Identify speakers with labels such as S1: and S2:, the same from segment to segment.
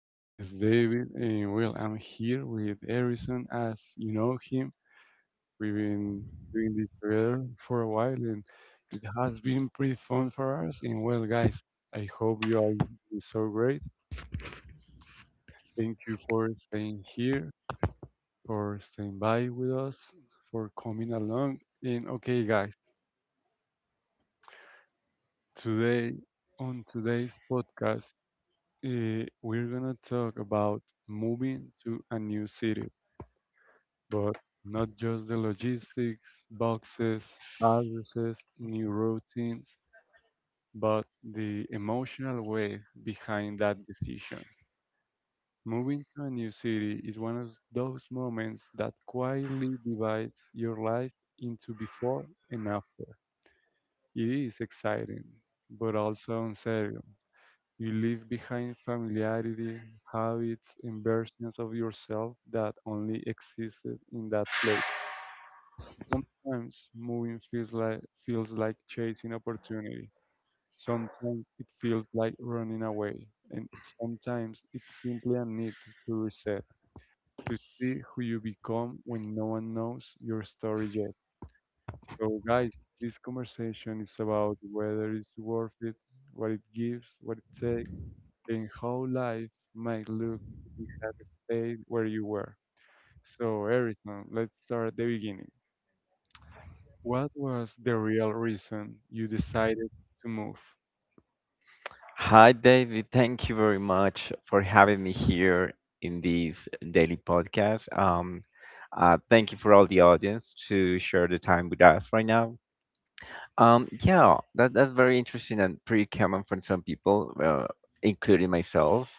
S1: My name is David, and well, I'm here with Harrison. As you know him, we've been doing this together for a while, and it has been pretty fun for us. And well, guys, I hope you all been so great. Thank you for staying here, for staying by with us, for coming along. And okay, guys, today on today's podcast. We're gonna talk about moving to a new city, but not just the logistics, boxes, addresses, new routines, but the emotional weight behind that decision. Moving to a new city is one of those moments that quietly divides your life into before and after. It is exciting, but also uncertain. You leave behind familiarity, habits, and versions of yourself that only existed in that place. Sometimes moving feels like chasing opportunity. Sometimes it feels like running away, and sometimes it's simply a need to reset, to see who you become when no one knows your story yet. So, guys, this conversation is about whether it's worth it, what it gives, what it takes and how life might look if you had stayed where you were. So, Erickson, let's start at the beginning. What was the real reason you decided to move?
S2: Hi, David. Thank you very much for having me here in this daily podcast. Thank you for all the audience to share the time with us right now. Yeah, that's very interesting and pretty common for some people, including myself.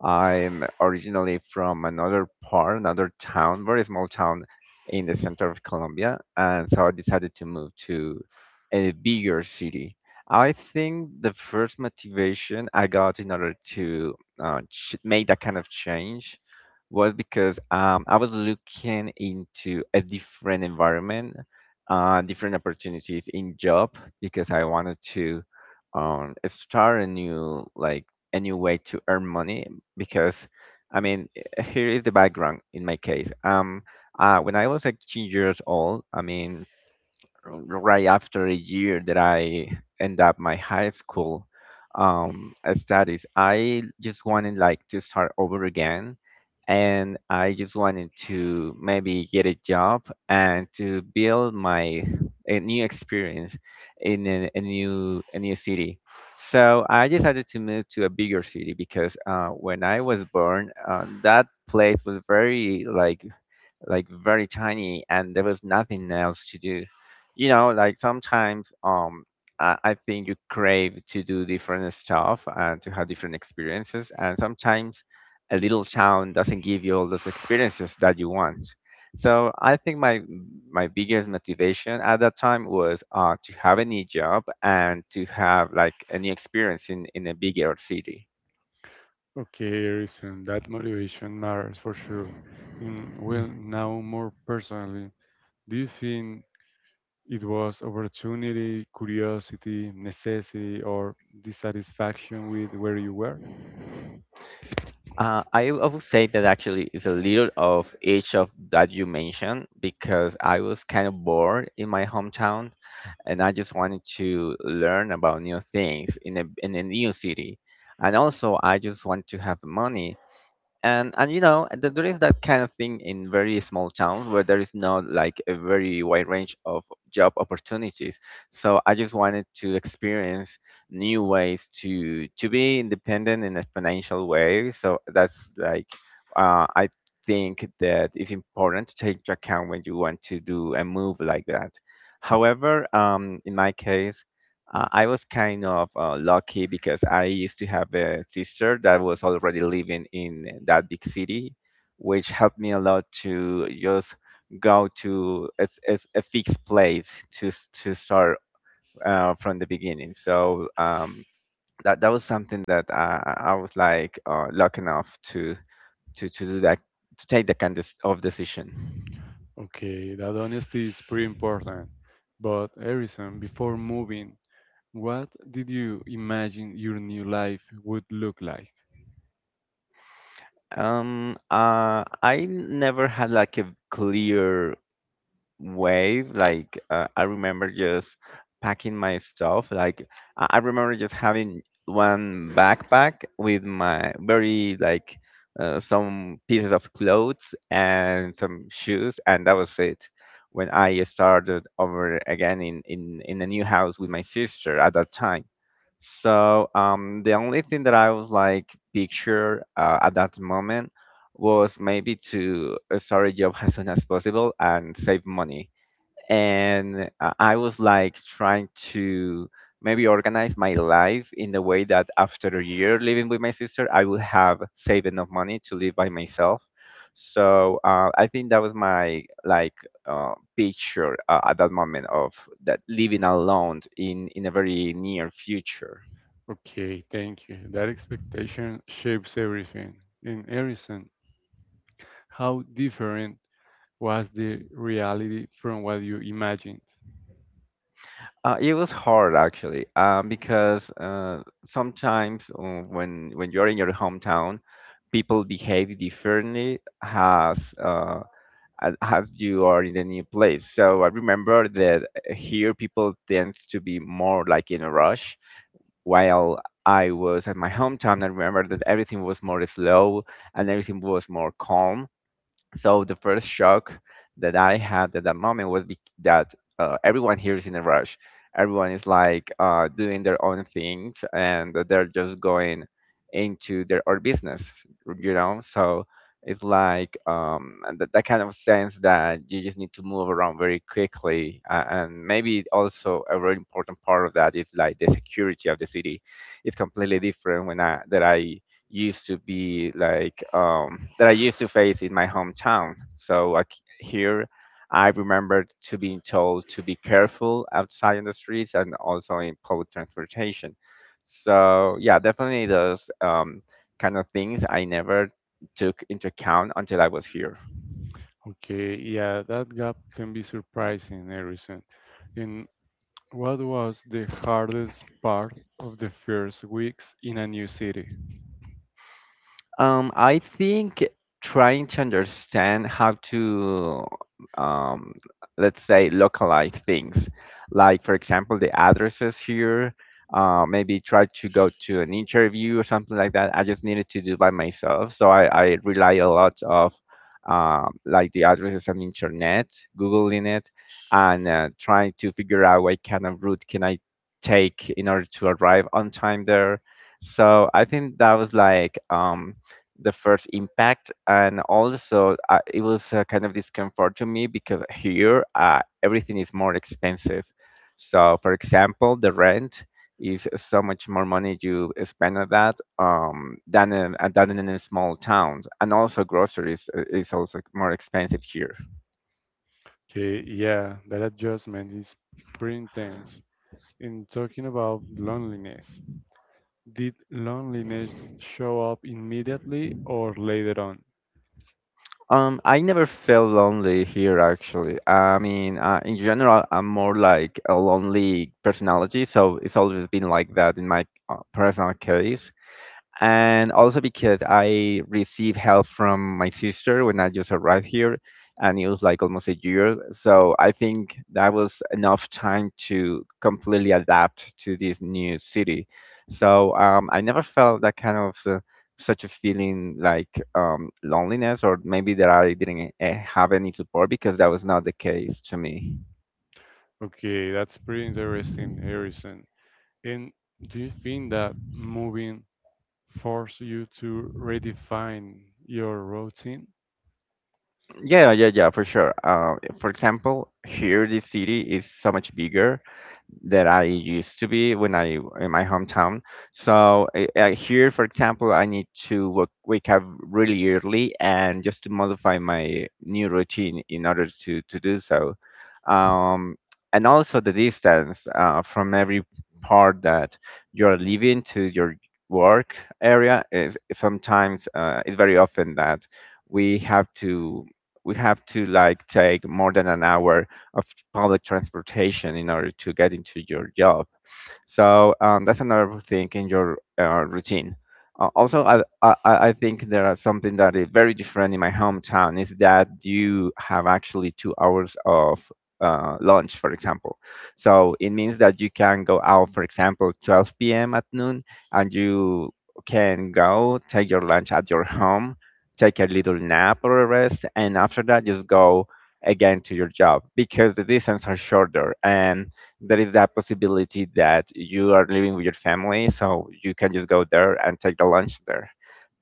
S2: I'm originally from another part, another town, very small town in the center of Colombia, and so I decided to move to a bigger city. I think the first motivation I got in order to ch make that kind of change was because I was looking into a different environment, different opportunities in job because I wanted to, start a new, like a new way to earn money because, I mean here is the background in my case. When I was like 18 years old, I mean right after a year that I end up my high school studies, I just wanted like to start over again, and I just wanted to maybe get a job and to build my a new experience in a new city. So I decided to move to a bigger city because, when I was born, that place was very like very tiny and there was nothing else to do, you know, like sometimes, I think you crave to do different stuff and to have different experiences, and sometimes a little town doesn't give you all those experiences that you want. So I think my, my biggest motivation at that time was, to have a new job and to have like a new experience in a bigger city.
S1: Okay, Erickson, that motivation matters for sure. Mm, well, now more personally, do you think it was opportunity, curiosity, necessity, or dissatisfaction with where you were?
S2: I would say that actually it's a little of each of that you mentioned, because I was kind of bored in my hometown and I just wanted to learn about new things in a new city, and also I just want to have money. And you know, there is that kind of thing in very small towns where there is not like a very wide range of job opportunities. So I just wanted to experience new ways to be independent in a financial way. So that's like, I think that it's important to take into account when you want to do a move like that. However, in my case, I was kind of lucky because I used to have a sister that was already living in that big city, which helped me a lot to just go to a fixed place to to start from the beginning. So that was something that I was like lucky enough to to do that, to take that kind of decision.
S1: Okay, that honesty is pretty important. But Harrison, before moving, what did you imagine your new life would look like?
S2: I never had like a clear wave. Like, I remember just packing my stuff. Like I remember just having one backpack with my very like, some pieces of clothes and some shoes, and that was it. When I started over again in a new house with my sister at that time. So the only thing that I was like picture, at that moment was maybe to, start a job as soon as possible and save money. And I was like trying to maybe organize my life in the way that after a year living with my sister, I would have saved enough money to live by myself. So I think that was my, like, picture, at that moment of that living alone in a very near future.
S1: Okay, thank you. That expectation shapes everything. In Harrison, how different was the reality from what you imagined?
S2: It was hard actually, because, sometimes, when you're in your hometown, people behave differently as, as you are in a new place. So I remember that here people tends to be more like in a rush. While I was at my hometown, I remember that everything was more slow and everything was more calm. So the first shock that I had at that moment was that, everyone here is in a rush. Everyone is like, doing their own things and that they're just going into their own business, you know? So it's like, and that, that kind of sense that you just need to move around very quickly. And maybe also a very important part of that is like the security of the city. It's completely different when that I used to be like, that I used to face in my hometown. So like, here, I remember to being told to be careful outside in the streets and also in public transportation. So yeah, definitely those, kind of things I never took into account until I was here.
S1: Okay, yeah, that gap can be surprising, Harrison. And what was the hardest part of the first weeks in a new city?
S2: I think trying to understand how to, um, let's say, localize things, like for example, the addresses here, maybe try to go to an interview or something like that. I just needed to do by myself, so I rely a lot of, like the addresses on internet, googling it, and trying to figure out what kind of route can I take in order to arrive on time there. So I think that was like, the first impact, and also, it was, kind of discomfort to me, because here, everything is more expensive. So for example, the rent is so much more money you spend on that, than, than in a small towns, and also groceries, is also more expensive here.
S1: Okay, yeah, that adjustment is pretty intense. In talking about loneliness, did loneliness show up immediately or later on?
S2: Um, I never felt lonely here actually. I mean, in general, I'm more like a lonely personality, so it's always been like that in my, personal case. And also, because I received help from my sister when I just arrived here, and it was like almost a year. So I think that was enough time to completely adapt to this new city. So I never felt that kind of, such a feeling like, loneliness, or maybe that I didn't, have any support, because that was not the case to me.
S1: Okay, that's pretty interesting, Harrison. And do you think that moving forced you to redefine your routine?
S2: Yeah, yeah, yeah, for sure. For example, here this city is so much bigger that I used to be when I in my hometown. So here, for example, I need to wake up really early and just to modify my new routine in order to do so. Um, and also the distance, from every part that you're living to your work area is sometimes, it's very often that we have to we have to like take more than an hour of public transportation in order to get into your job. So that's another thing in your, routine. Also, I think there are something that is very different in my hometown is that you have actually 2 hours of, lunch, for example. So it means that you can go out, for example, 12 p.m. at noon, and you can go take your lunch at your home, take a little nap or a rest, and after that, just go again to your job, because the distance are shorter and there is that possibility that you are living with your family, so you can just go there and take the lunch there.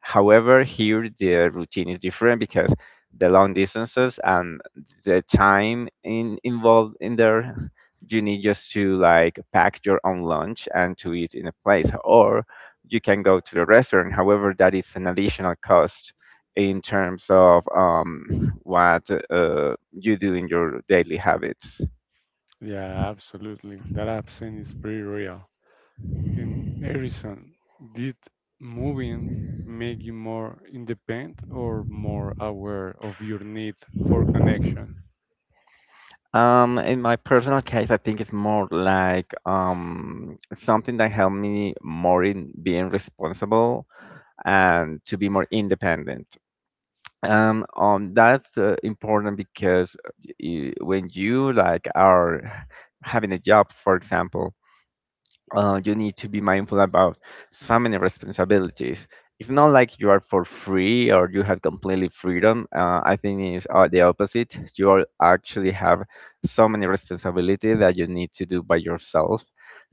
S2: However, here the routine is different because the long distances and the time involved in there, you need just to like pack your own lunch and to eat in a place, or you can go to the restaurant. However, that is an additional cost in terms of, what, you do in your daily habits.
S1: Yeah, absolutely. That absence is pretty real. In Harrison, did moving make you more independent or more aware of your need for connection?
S2: In my personal case, I think it's more like, something that helped me more in being responsible and to be more independent. That's, important, because, when you like are having a job, for example, you need to be mindful about so many responsibilities. It's not like you are for free or you have completely freedom. I think it's, the opposite. You are actually have so many responsibilities that you need to do by yourself.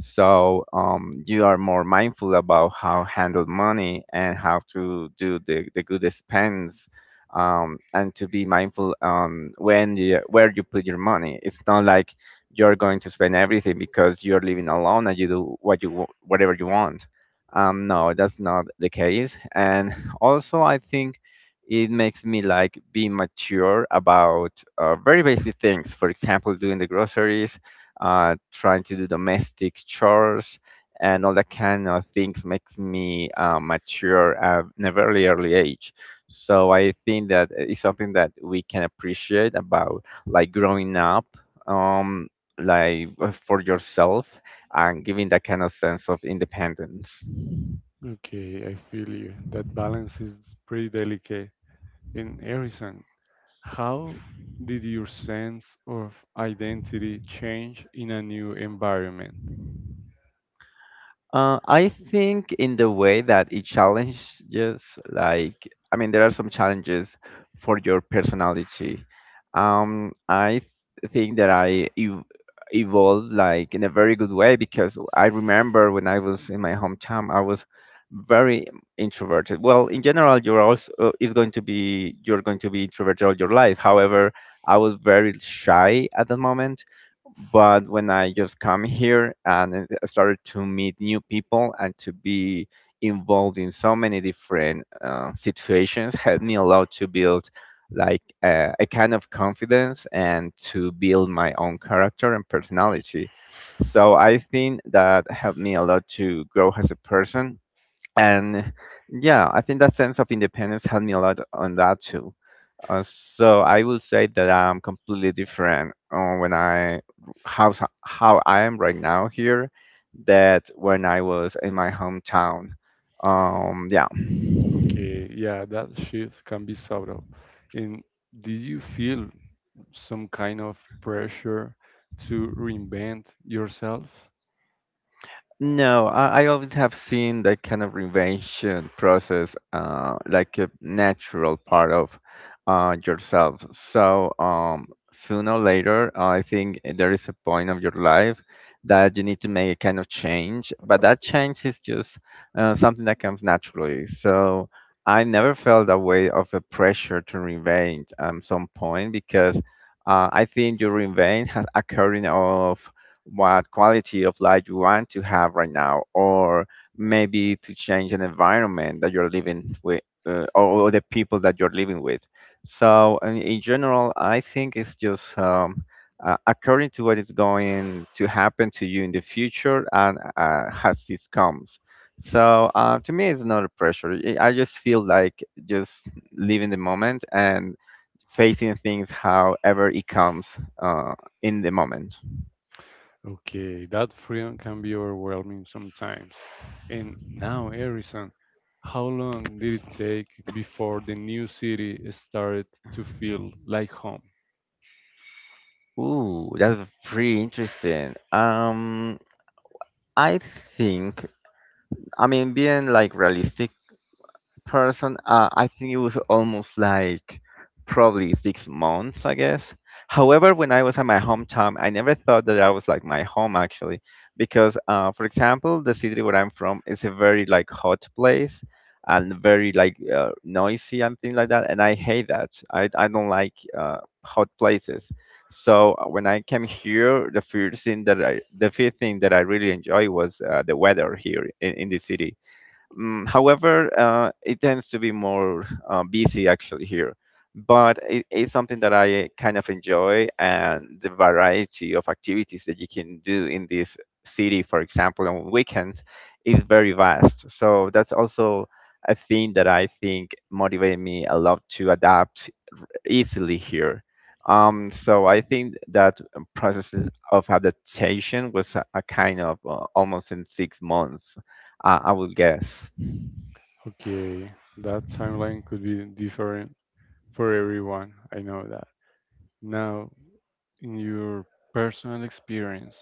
S2: So you are more mindful about how handle money and how to do the good expense, and to be mindful, when you, where you put your money. It's not like you're going to spend everything because you're living alone and you do what you whatever you want. No, that's not the case. And also, I think it makes me like be mature about, very basic things. For example, doing the groceries, trying to do domestic chores, and all that kind of things makes me, mature at a very early age. So I think that it's something that we can appreciate about like growing up. Um, for yourself and giving that kind of sense of independence.
S1: Okay, I feel you. That balance is pretty delicate. In Harrison, how did your sense of identity change in a new environment?
S2: I think in the way that it challenges, I mean, there are some challenges for your personality. I think that I evolved like in a very good way because I remember when I was in my hometown, I was very introverted. Well, in general, you're also is going to be you're going to be introverted all your life. However, I was very shy at the moment, but when I just come here and I started to meet new people and to be involved in so many different situations helped me a lot to build a kind of confidence and to build my own character and personality. So I think that helped me a lot to grow as a person. And yeah, I think that sense of independence helped me a lot on that too. So I will say that I'm completely different on when I how how I am right now here that when I was in my hometown. Yeah.
S1: Okay, yeah, that shift can be subtle. And did you feel some kind of pressure to reinvent yourself?
S2: No, I always have seen that kind of reinvention process like a natural part of yourself. So sooner or later, I think there is a point of your life that you need to make a kind of change, but that change is just something that comes naturally. So I never felt that way of a pressure to reinvent at some point because I think your reinvent has occurred in all of what quality of life you want to have right now, or maybe to change an environment that you're living with, or the people that you're living with. So, in general, I think it's just according to what is going to happen to you in the future, and as this comes. So, to me, it's not a pressure. I just feel like just living the moment and facing things however it comes uh, in the moment.
S1: Okay, that freedom can be overwhelming sometimes. And now, Harrison, how long did it take before the new city started to feel like home?
S2: Ooh, that's pretty interesting. I think, I mean, being like realistic, person, I think it was almost like probably 6 months, I guess. However, when I was at my hometown, I never thought that I was like my home actually, because for example, the city where I'm from is a very like hot place and very like noisy and things like that, and I hate that. I don't like hot places. So when I came here, the first thing that I really enjoy was the weather here in the city. Mm, however, it tends to be more busy actually here, but it's something that I kind of enjoy, and the variety of activities that you can do in this city, for example, on weekends, is very vast. So that's also a thing that I think motivated me a lot to adapt easily here. So I think that processes of adaptation was a kind of almost in 6 months, I would guess.
S1: Okay, that timeline could be different for everyone. I know that. Now, in your personal experience,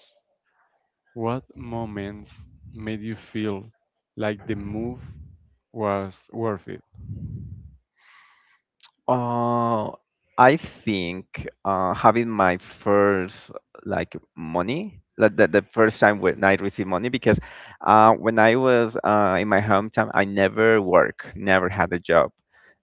S1: what moments made you feel like the move was worth it?
S2: Uh, I think having my first like money, like the first time when I received money, because when I was in my hometown, I never work, never had a job.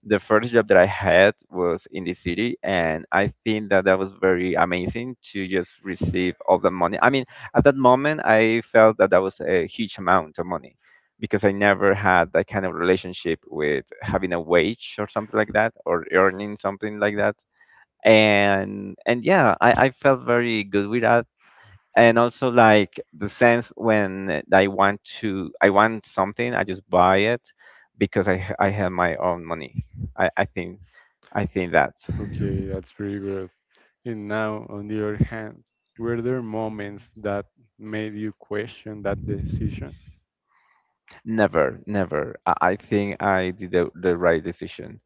S2: The first job that I had was in the city, and I think that that was very amazing to just receive all the money. I mean, at that moment, I felt that that was a huge amount of money because I never had that kind of relationship with having a wage or something like that, or earning something like that. And yeah, I felt very good with that. And also like the sense when I want something, I just buy it because I have my own money. I, I think I think that.
S1: Okay, that's pretty good. And now, on the other hand, were there moments that made you question that decision?
S2: Never, never. I think I did the right decision.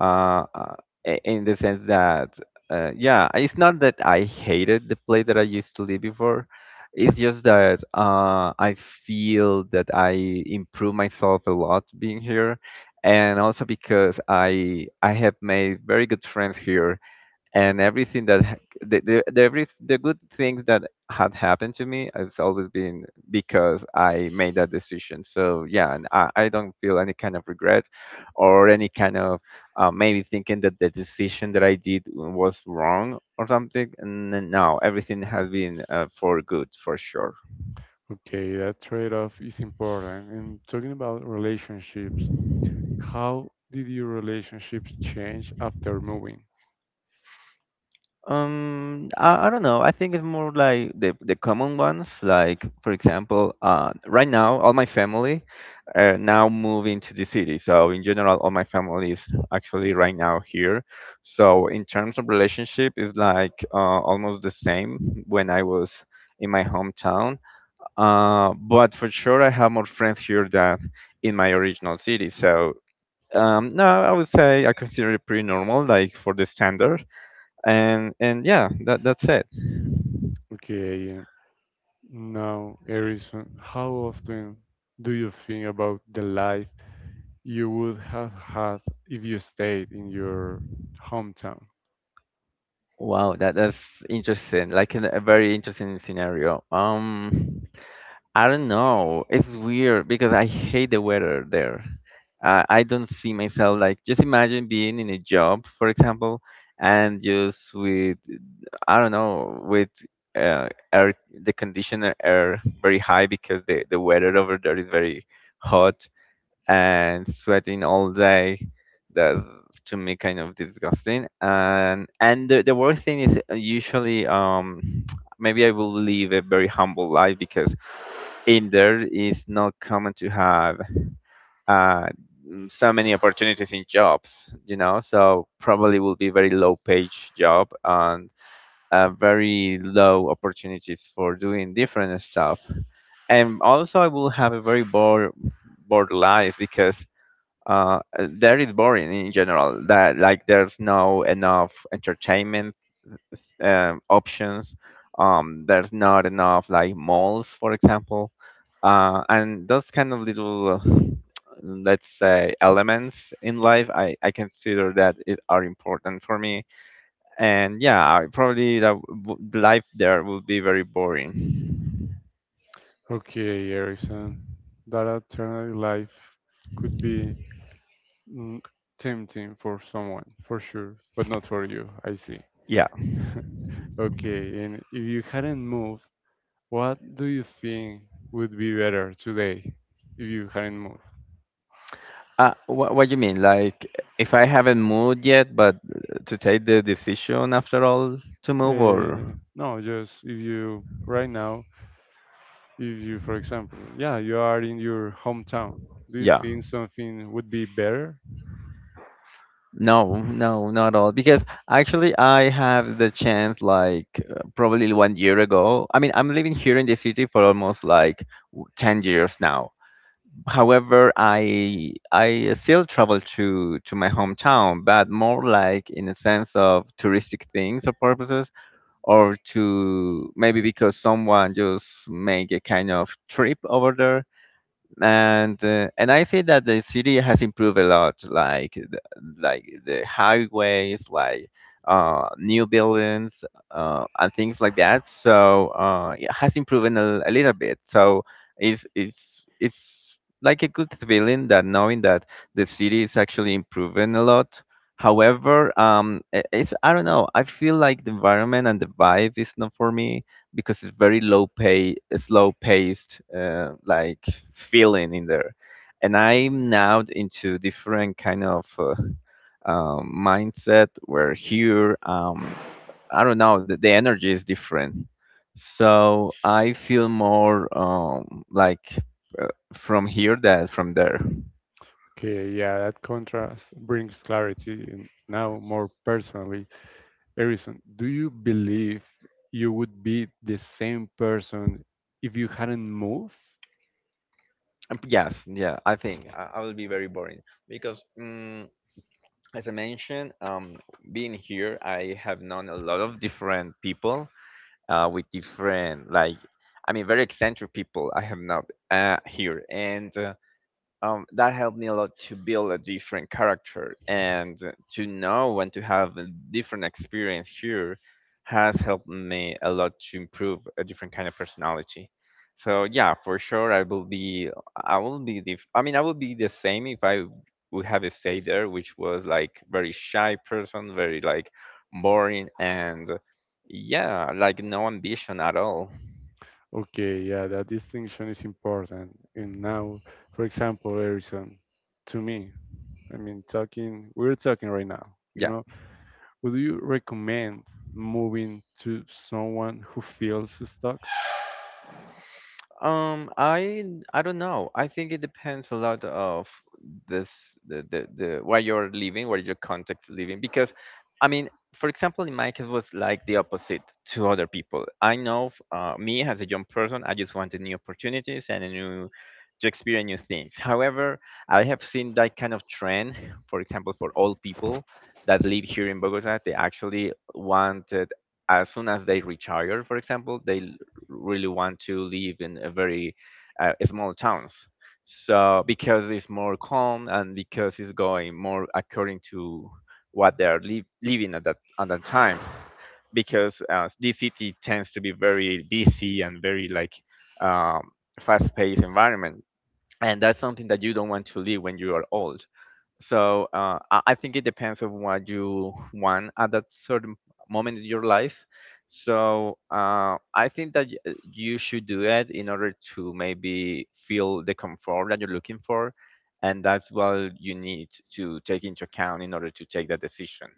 S2: Uh, uh, in the sense that, yeah, it's not that I hated the place that I used to live before. It's just that I feel that I improve myself a lot being here, and also because I have made very good friends here, and everything the good things that had happened to me has always been because I made that decision. So yeah, and I don't feel any kind of regret or any kind of maybe thinking that the decision that I did was wrong or something. And then, no, everything has been for good for sure.
S1: Okay, that trade-off is important. And talking about relationships, how did your relationships change after moving?
S2: I don't know. I think it's more like the common ones. Like for example, right now all my family are now moving to the city. So in general, all my family is actually right now here. So in terms of relationship, it's like almost the same when I was in my hometown. But for sure, I have more friends here than in my original city. So no, I would say I consider it pretty normal, like for the standard, and yeah, that that's it.
S1: Okay, now, Harrison, how often do you think about the life you would have had if you stayed in your hometown?
S2: Wow, that that's interesting, like in a very interesting scenario. I don't know, it's weird because I hate the weather there. I don't see myself like just imagine being in a job, for example, and just with, I don't know, with uh, air, the conditioner air very high because the weather over there is very hot and sweating all day. That's to me kind of disgusting. And the worst thing is usually maybe I will live a very humble life because in there is not common to have uh so many opportunities in jobs, you know. So probably will be very low page job, and very low opportunities for doing different stuff. And also I will have a very bored life because that is boring in general. That like there's no enough entertainment options. There's not enough like malls, for example, and those kind of little, let's say, elements in life. I consider that it are important for me. And yeah, probably the life there will be very boring.
S1: Okay, Harrison, that alternative life could be mm, tempting for someone, for sure, but not for you, I see.
S2: Yeah.
S1: Okay, and if you hadn't moved, what do you think would be better today if you hadn't moved?
S2: What you mean? Like, if I haven't moved yet, but to take the decision after all to move, or
S1: No, just if you right now, if you, for example, yeah, you are in your hometown. Do you
S2: yeah,
S1: think something would be better?
S2: no, no, not all. Because actually, I have the chance, like, probably one year ago. I mean, I'm living here in the city for almost like 10 years now. However, I still travel to my hometown, but more like in a sense of touristic things or purposes, or to maybe because someone just make a kind of trip over there, and I say that the city has improved a lot, like like the highways, like new buildings, and things like that. So it has improved a little bit. So it's like a good feeling that knowing that the city is actually improving a lot. However, it's I don't know. I feel like the environment and the vibe is not for me because it's very low pay, slow paced, like feeling in there. And I'm now into different kind of mindset where here, I don't know, the energy is different. So I feel more uh, from here than from there.
S1: Okay, yeah, that contrast brings clarity. And now, more personally, Erison, do you believe you would be the same person if you hadn't moved?
S2: Yes, yeah, I think I will be very boring because, as I mentioned, being here, I have known a lot of different people, with different like, I mean very eccentric people I have not here, and that helped me a lot to build a different character, and to know and to have a different experience here has helped me a lot to improve a different kind of personality. So yeah, for sure I will be the I mean I will be the same if I would have stayed there, which was like very shy person, very like boring, and yeah, like no ambition at all.
S1: Okay, yeah, that distinction is important. And now, for example, Erison, to me, I mean, talking, we're talking right now, you
S2: Yeah.
S1: know, would you recommend moving to someone who feels stuck?
S2: I I don't know. I think it depends a lot of this the where you're living, where your context living. Because, I mean, for example, in my case was like the opposite to other people. I know, me as a young person, I just wanted new opportunities and a new to experience new things. However, I have seen that kind of trend. For example, for old people that live here in Bogota, they actually wanted as soon as they retire, for example, they really want to live in a very small towns. So because it's more calm and because it's going more according to what they are living at that time. Because this city tends to be very busy and very like um, fast-paced environment, and that's something that you don't want to live when you are old. So I think it depends on what you want at that certain moment in your life. So I think that you should do it in order to maybe feel the comfort that you're looking for, and that's what you need to take into account in order to take that decision.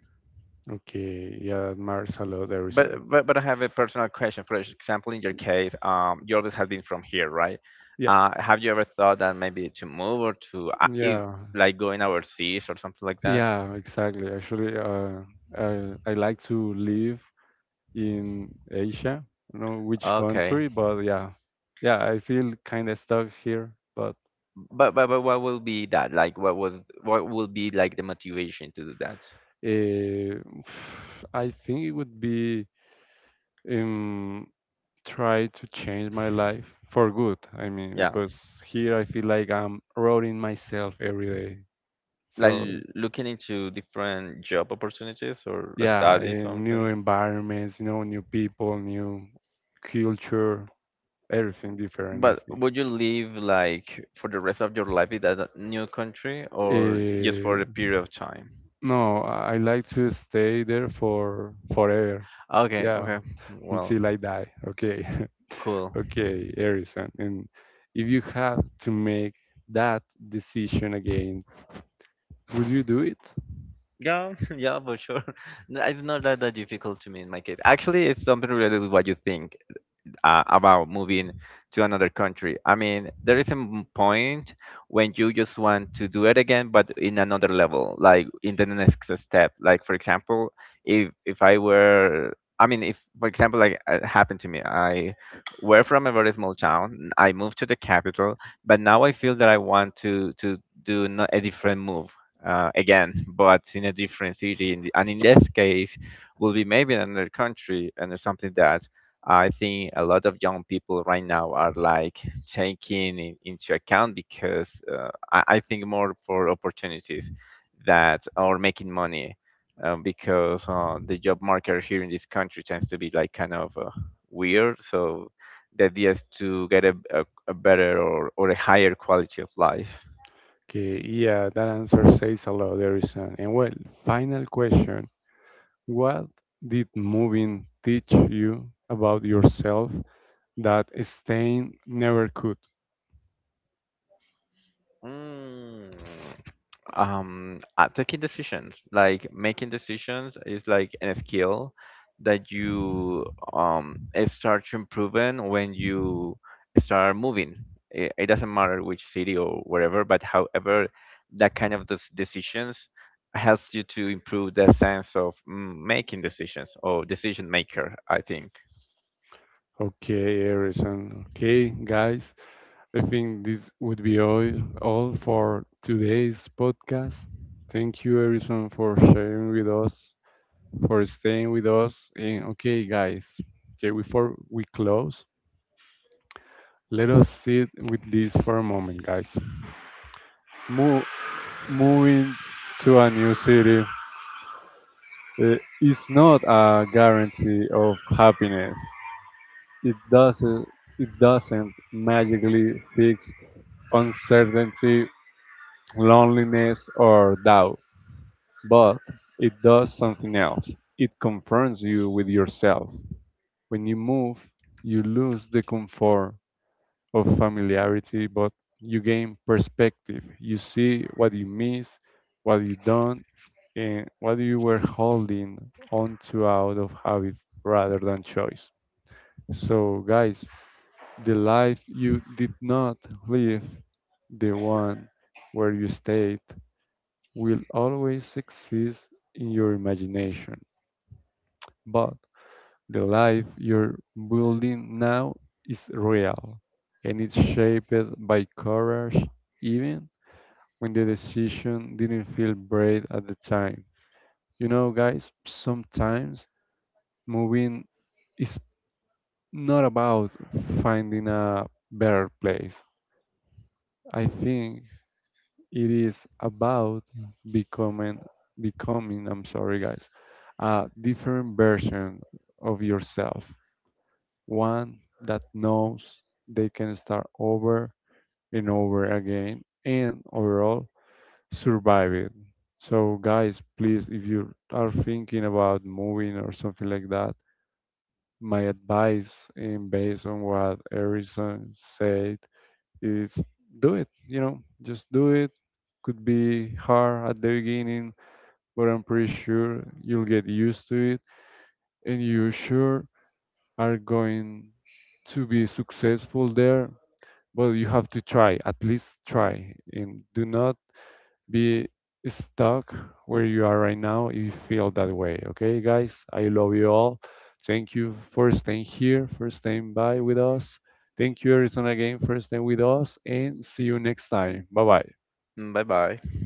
S1: Okay, yeah, that matters a lot, Erison.
S2: But I have a personal question. For example, in your case, you always have been from here, right?
S1: Yeah,
S2: Have you ever thought that maybe to move or to if,
S1: yeah,
S2: like going overseas or something like that?
S1: yeah, exactly. Actually, I like to live in Asia, I don't know which
S2: Okay.
S1: country, but yeah, yeah, I feel kind of stuck here, but
S2: But what will be that? Like what will be like the motivation to do that?
S1: eh, I think it would be um, try to change my life for good. I mean,
S2: Yeah.
S1: because here I feel like I'm rotting myself every day.
S2: Like
S1: So
S2: looking into different job opportunities or
S1: yeah,
S2: study
S1: in new
S2: something.
S1: environments, you know, new people, new culture, everything different. I
S2: But
S1: think.
S2: would you live like for the rest of your life in that new country or just
S1: Eh,
S2: for a period of time?
S1: no, I like to stay there for forever.
S2: Okay,
S1: Yeah.
S2: okay. Well,
S1: Until I die. Okay.
S2: cool.
S1: Okay, Harrison. And if you have to make that decision again, would you do it?
S2: Yeah, yeah, for sure. No, it's not that difficult to me in my case. Actually, it's something related with what you think about moving to another country. I mean, there is a point when you just want to do it again, but in another level, like in the next step. Like for example, if I were, I mean, if for example, like it happened to me, I were from a very small town. I moved to the capital, but now I feel that I want to do a different move again, but in a different city. And in this case, will be maybe another country and or something that. I think a lot of young people right now are like taking into account because I think more for opportunities that are making money because the job market here in this country tends to be like kind of weird. So the idea is to get a better, or a higher quality of life.
S1: Okay, yeah, that answer says a lot, Harrison. And well, final question. What did moving teach you about yourself that staying never could?
S2: Mm. Taking decisions, like making decisions is like a skill that you um start to improving when you start moving. It doesn't matter which city or wherever, but however that kind of decisions helps you to improve the sense of making decisions or decision maker, I think.
S1: Okay, Harrison. Okay, guys, I think this would be all for today's podcast. Thank you, everyone, for sharing with us, for staying with us. And okay, guys, okay, before we close, let us sit with this for a moment, guys. Mo- Moving to a new city uh, is not a guarantee of happiness. It doesn't. It doesn't magically fix uncertainty, loneliness, or doubt. But it does something else. It confronts you with yourself. When you move, you lose the comfort of familiarity, but you gain perspective. You see what you miss, what you don't, and what you were holding on to out of habit rather than choice. So, guys, the life you did not live, the one where you stayed, will always exist in your imagination. But the life you're building now is real and it's shaped by courage even when the decision didn't feel brave at the time. You know, guys, sometimes moving is not about finding a better place. I think it is about becoming I'm sorry guys, a different version of yourself. One that knows they can start over and over again and overall survive it. So, guys, please, if you are thinking about moving or something like that, my advice, and based on what Harrison said, is do it. You know, just do it. Could be hard at the beginning, but I'm pretty sure you'll get used to it, and you sure are going to be successful there. Well, you have to try, at least try, and do not be stuck where you are right now if you feel that way. Okay, guys, I love you all. Thank you for staying here, for staying by with us. Thank you, Arizona, again for staying with us, and see you next time. Bye bye.
S2: Bye bye.